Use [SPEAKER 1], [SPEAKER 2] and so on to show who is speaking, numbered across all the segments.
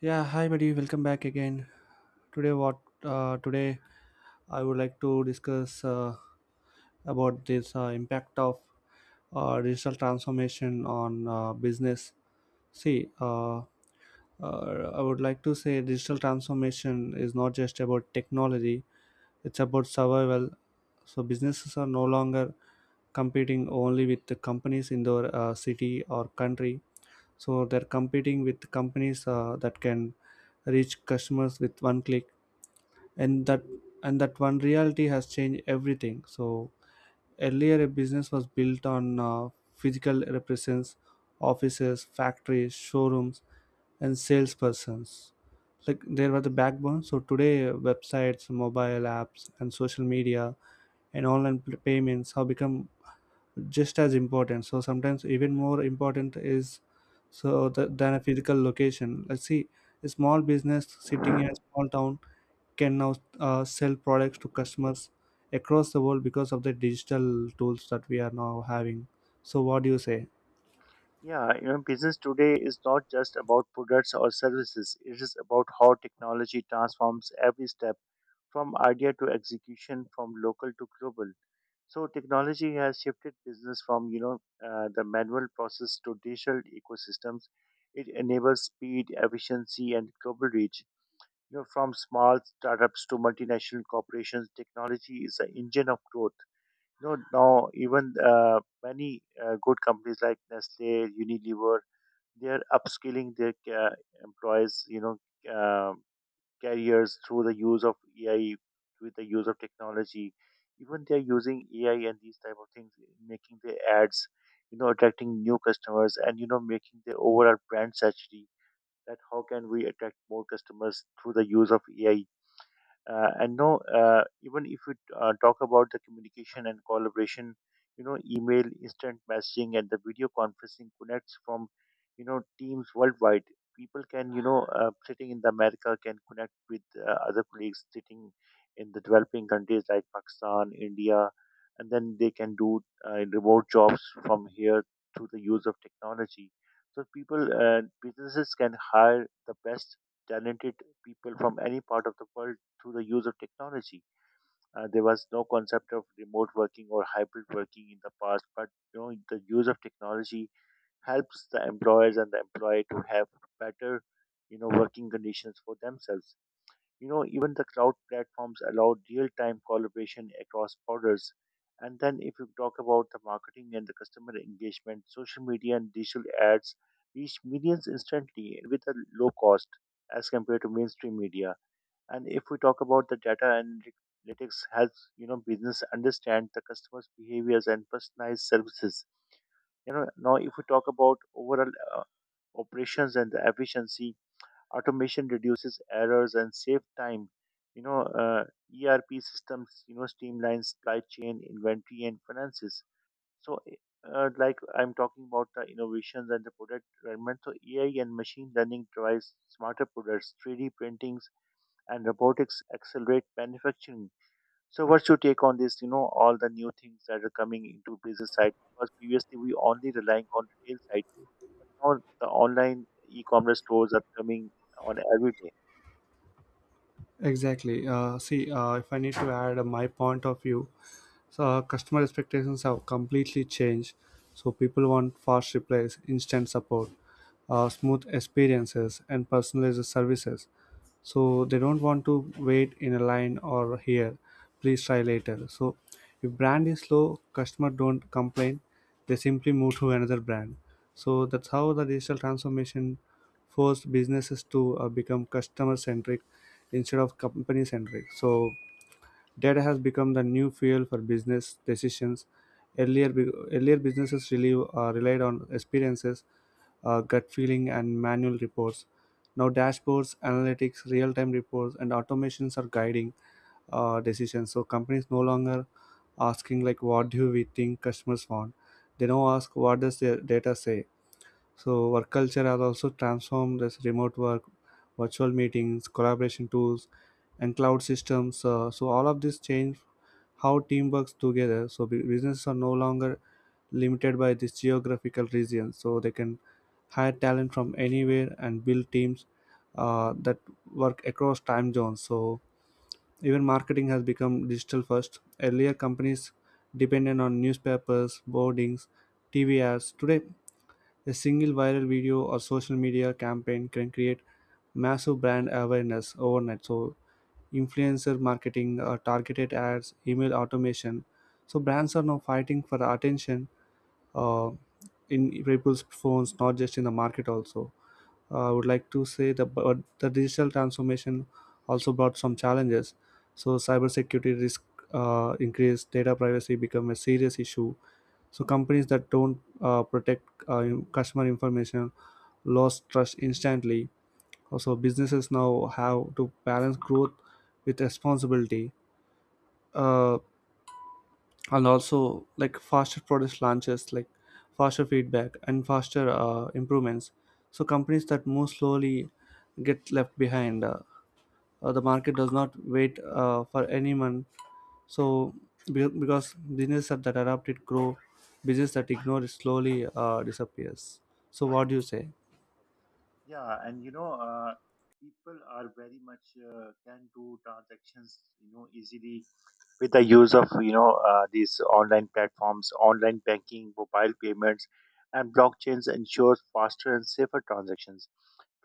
[SPEAKER 1] Yeah, hi Madhu, welcome back again. Today, what today I would like to discuss about this impact of digital transformation on business. See, uh, uh, I would like to say digital transformation is not just about technology; it's about survival. So businesses are no longer competing only with the companies in their city or country, so they're competing with companies that can reach customers with one click and that and that one reality has changed everything. So earlier a business was built on physical represents, offices, factories, showrooms, and salespersons, like there were the backbone. So today websites, mobile apps, and social media and online payments have become just as important, so sometimes even more important is so that than a physical location. Let's see, a small business sitting in a small town can now sell products to customers across the world because of the digital tools that we are now having. So what do you say?
[SPEAKER 2] Yeah, you know, business today is not just about products or services. It is about how technology transforms every step from idea to execution, from local to global. So technology has shifted business from the manual process to digital ecosystems. It enables speed, efficiency, and global reach. You know, from small startups to multinational corporations, technology is the engine of growth. You know, now even many good companies like Nestle, Unilever, they are upskilling their employees, um careers through the use of AI, with the use of technology. Even they are using AI and these type of things, making their ads, attracting new customers and making their overall brand strategy. That how can we attract more customers through the use of AI? And no, even if you talk about the communication and collaboration, email, instant messaging, and the video conferencing connects from teams worldwide. People can, sitting in the America, can connect with other colleagues sitting in the developing countries like Pakistan, India, and then they can do remote jobs from here through the use of technology. So people businesses can hire the best talented people from any part of the world through the use of technology. There was no concept of remote working or hybrid working in the past, but the use of technology helps the employers and the employee to have better, working conditions for themselves. You know, even the cloud platforms allow real-time collaboration across borders. And then if you talk about the marketing and the customer engagement, social media and digital ads reach millions instantly with a low cost as compared to mainstream media. And if we talk about the data, analytics helps, business understand the customer's behaviors and personalized services. You know, now if we talk about overall uh, operations and the efficiency, automation reduces errors and save time. You know, uh, ERP systems, streamline supply chain, inventory, and finances. So, like I'm talking about the innovations and the product development. So AI and machine learning drives smarter products, 3D printing and robotics accelerate manufacturing. So what's your take on this? You know, all the new things that are coming into business side because previously we only relying on retail side. Now the online e-commerce stores are coming on every day.
[SPEAKER 1] Exactly. See, if I need to add my point of view, so customer expectations have completely changed. So people want fast replies, instant support, smooth experiences, and personalized services. So they don't want to wait in a line or here. Please try later. So if brand is slow, customer don't complain. They simply move to another brand. So that's how the digital transformation forced businesses to become customer centric instead of company centric. So data has become the new fuel for business decisions. Earlier, businesses really relied on experiences, gut feeling, and manual reports. Now dashboards, analytics, real-time reports, and automations are guiding decisions. So companies no longer asking like, "What do we think customers want?" They now ask, "What does their data say?" So work culture has also transformed as remote work, virtual meetings, collaboration tools, and cloud systems. So all of this change how team works together. So businesses are no longer limited by this geographical region. So they can hire talent from anywhere and build teams that work across time zones. So even marketing has become digital first. Earlier companies depended on newspapers, boardings, TV ads. Today a single viral video or social media campaign can create massive brand awareness overnight. So, influencer marketing, targeted ads, email automation. So, brands are now fighting for attention uh, in people's phones, not just in the market, also. I would like to say that but the digital transformation also brought some challenges. So, cybersecurity risk increased, data privacy become a serious issue. So, companies that don't protect customer information lost trust instantly. Also, businesses now have to balance growth with responsibility, uh, and also like faster product launches, like faster feedback and faster improvements. So companies that move slowly get left behind. The market does not wait for anyone. So because businesses that adapt it grow, business that ignore it slowly disappears. So what do you say?
[SPEAKER 2] Yeah, and people are very much can do transactions, you know, easily with the use of these online platforms, online banking, mobile payments, and blockchains ensures faster and safer transactions.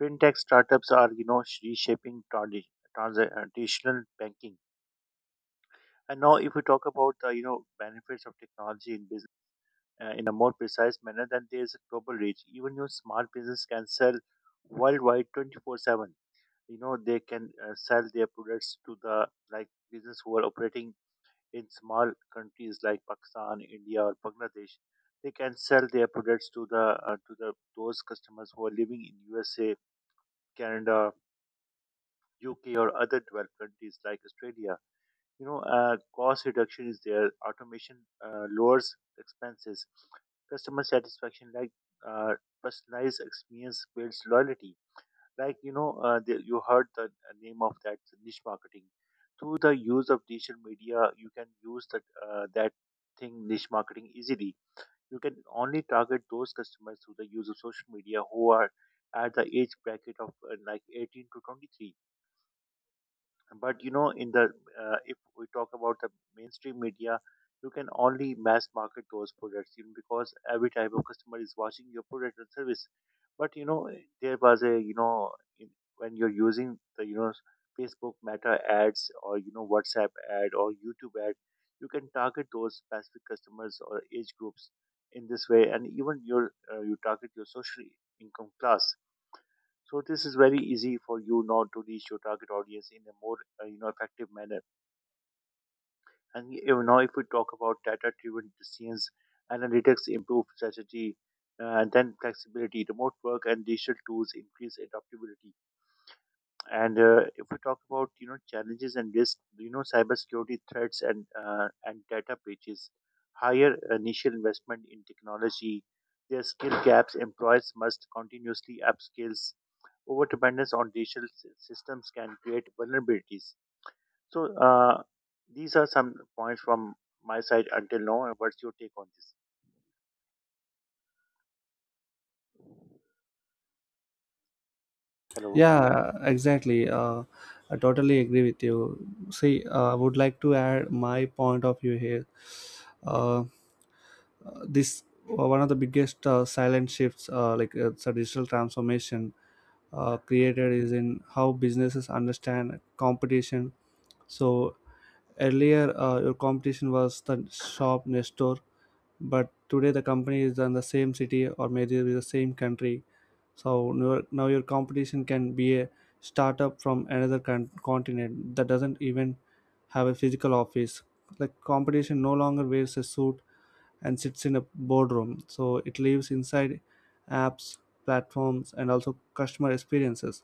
[SPEAKER 2] Fintech startups are reshaping traditional banking. And now, if we talk about the benefits of technology in business in a more precise manner, then there is a global reach. Even your small business can sell worldwide 24/7. You know, they can sell their products to the, like, business who are operating in small countries like Pakistan, India, or Bangladesh. They can sell their products to the those customers who are living in USA, Canada, UK, or other developed countries like Australia. Cost reduction is there. Automation lowers expenses. Customer satisfaction, like, uh, personalized experience, builds loyalty. Like, you heard the name of that niche marketing. Through the use of digital media, you can use that thing, niche marketing, easily. You can only target those customers through the use of social media who are at the age bracket of like 18 to 23. But you know in the if we talk about the mainstream media, you can only mass market those products, because every type of customer is watching your product and service. But you know there was a you know in, when you're using the Facebook Meta ads or WhatsApp ad or YouTube ad, you can target those specific customers or age groups in this way. And even you target your social income class. So this is very easy for you now to reach your target audience in a more effective manner. And even now, if we talk about data-driven decisions, analytics improve strategy, and then flexibility, remote work, and digital tools increase adaptability. And if we talk about challenges and risk, cybersecurity threats and data breaches, higher initial investment in technology, their skill gaps. Employers must continuously upskill. Over dependence on digital systems can create vulnerabilities. So, these are some points from my side until now. And what's your take on this? Hello.
[SPEAKER 1] Yeah, exactly. I totally agree with you. See, I would like to add my point of view here. Uh, this one of the biggest silent shifts, it's a digital transformation created, is in how businesses understand competition. So earlier, your competition was the shop next door, but today the company is in the same city or maybe in the same country. So now your competition can be a startup from another continent that doesn't even have a physical office. Like competition no longer wears a suit and sits in a boardroom, so it lives inside apps, platforms, and also customer experiences.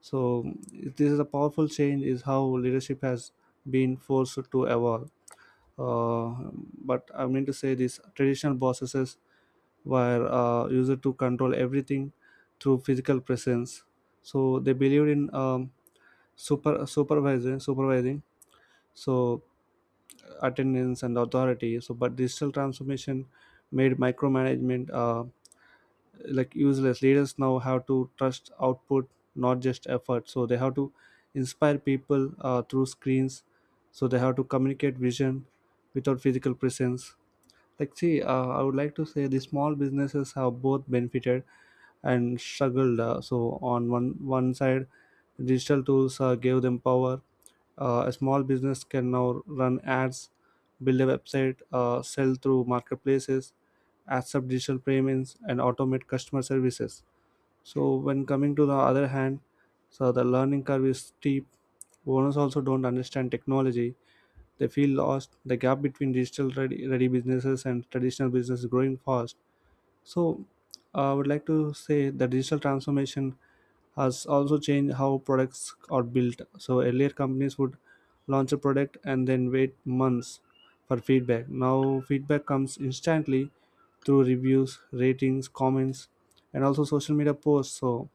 [SPEAKER 1] So this is a powerful change is how leadership has been forced to evolve. Uh, but I mean to say these traditional bosses were used to control everything through physical presence. So they believed in supervising. So attendance and authority. So but digital transformation made micromanagement. Like useless leaders now have to trust output, not just effort, so they have to inspire people through screens, so they have to communicate vision without physical presence. Like, see, I would like to say the small businesses have both benefited and struggled. So, on one side, digital tools gave them power. A small business can now run ads, build a website, sell through marketplaces, accept digital payments, and automate customer services. So, when coming to the other hand, so the learning curve is steep. Owners also don't understand technology, they feel lost. The gap between digital ready businesses and traditional business is growing fast. So, I would like to say the digital transformation has also changed how products are built. So, earlier companies would launch a product and then wait months for feedback. Now, feedback comes instantly through reviews, ratings, comments, and also social media posts. So,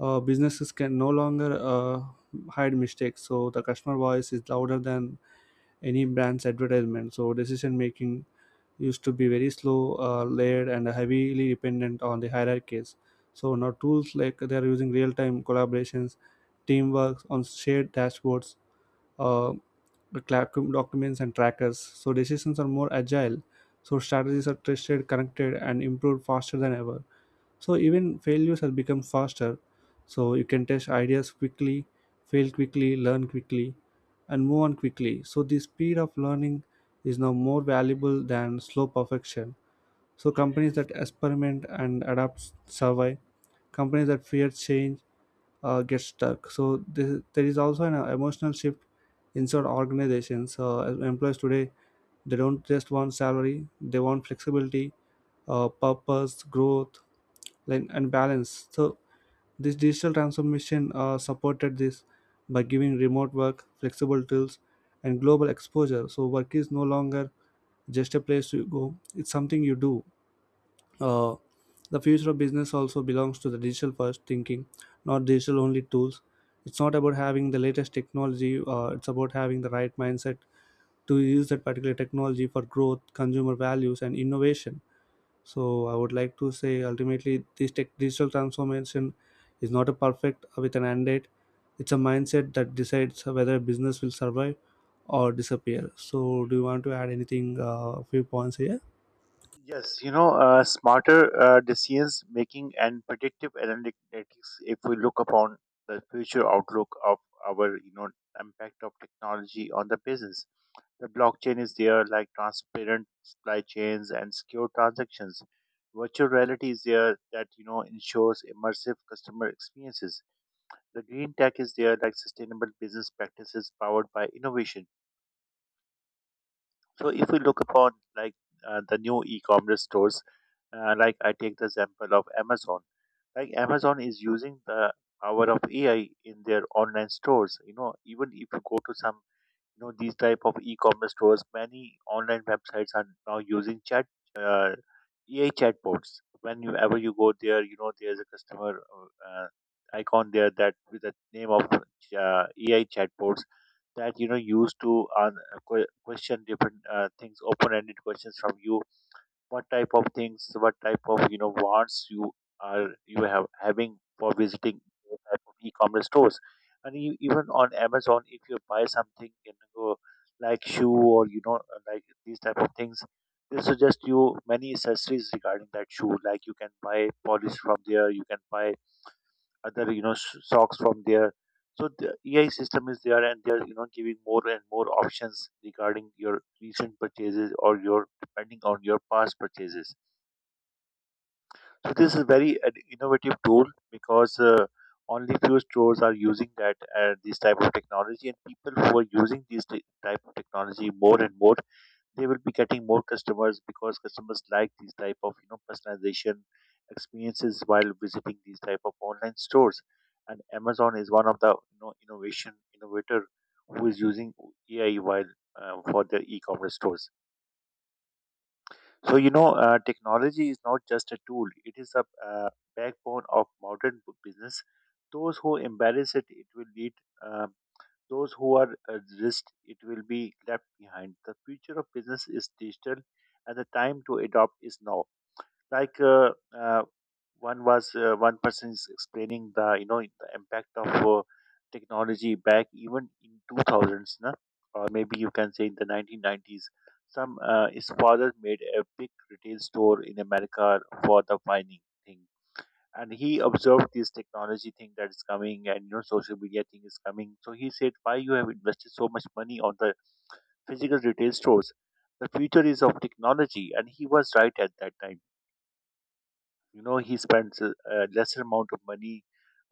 [SPEAKER 1] businesses can no longer hide mistakes. So, the customer voice is louder than any brand's advertisement. So decision making used to be very slow, layered, and heavily dependent on the hierarchies. So now tools like they are using real-time collaborations, teamwork on shared dashboards, uh, the documents and trackers. So decisions are more agile. So strategies are tested, connected, and improved faster than ever. So even failures have become faster, so you can test ideas quickly, fail quickly, learn quickly, and move on quickly. So the speed of learning is now more valuable than slow perfection. So companies that experiment and adapt survive, companies that fear change get stuck. So this, there is also an emotional shift inside organizations as employees today, they don't just want salary, they want flexibility, purpose, growth, like, and balance. So this digital transformation supported this by giving remote work, flexible tools, and global exposure. So work is no longer just a place to go, it's something you do. uh, the future of business also belongs to the digital first thinking, not digital only tools. It's not about having the latest technology, it's about having the right mindset to use that particular technology for growth, consumer values, and innovation. So I would like to say ultimately this tech digital transformation is not a perfect with an end date. It's a mindset that decides whether a business will survive or disappear. So do you want to add anything few points here?
[SPEAKER 2] Yes, Smarter decisions making and predictive analytics. If we look upon the future outlook of our, impact of technology on the business, the blockchain is there, like transparent supply chains and secure transactions. Virtual reality is there that ensures immersive customer experiences. The green tech is there, like sustainable business practices powered by innovation. So if we look upon, like, the new e-commerce stores, like I take the example of Amazon. Like, Amazon is using the power of AI in their online stores. You know, even if you go to some, these type of e-commerce stores, many online websites are now using chat uh, AI chatbots. Whenever you go there, there's a customer icon there, that with the name of AI chatbots, that used to question different things, open-ended questions from you. What type of things, what type of wants you are you have having for visiting those type of e-commerce stores. And you, even on Amazon, if you buy something, like shoe or like these type of things, they suggest you many accessories regarding that shoe, like you can buy polish from there, you can buy other socks from there. So the AI system is there, and they're giving more and more options regarding your recent purchases or your, depending on your past purchases. So this is very an innovative tool because only few stores are using that this type of technology, and people who are using this type of technology more and more, they will be getting more customers because customers like these type of personalization experiences while visiting these type of online stores. And Amazon is one of the innovation innovator who is using AI while for their e-commerce stores. So, technology is not just a tool; it is a backbone of modern business. Those who embrace it, it will lead. Um, those who are resist, it will be left behind. The future of business is digital, and the time to adopt is now. Like uh, uh, one was uh, one person is explaining the the impact of technology back even in 2000s, na? Or maybe you can say in the 1990s. Some uh, his father made a big retail store in America for the mining thing, and he observed this technology thing that is coming, and social media thing is coming, so he said, why you have invested so much money on the physical retail stores? The future is of technology. And he was right at that time. He spends a lesser amount of money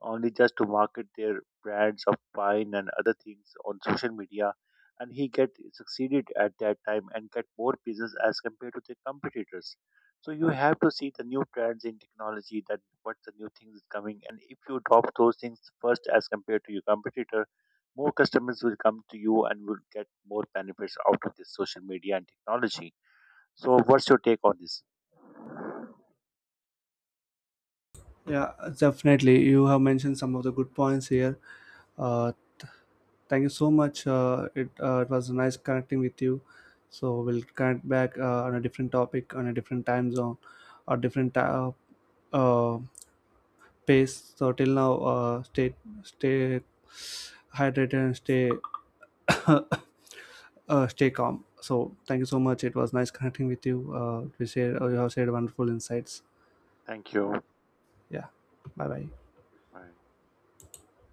[SPEAKER 2] only just to market their brands of wine and other things on social media, and he get succeeded at that time and get more business as compared to the competitors. So you have to see the new trends in technology that what the new things is coming, and if you drop those things first as compared to your competitor, more customers will come to you and will get more benefits out of this social media and technology. So, what's your take on this?
[SPEAKER 1] Yeah, definitely. You have mentioned some of the good points here. Uh, th- Thank you so much. It was nice connecting with you. So we'll connect back on a different topic, on a different time zone, or different uh, pace. So till now, stay hydrated and stay uh, stay calm. So thank you so much, it was nice connecting with you. We shared You have shared wonderful insights.
[SPEAKER 2] Thank you.
[SPEAKER 1] Yeah, bye bye.
[SPEAKER 2] Bye.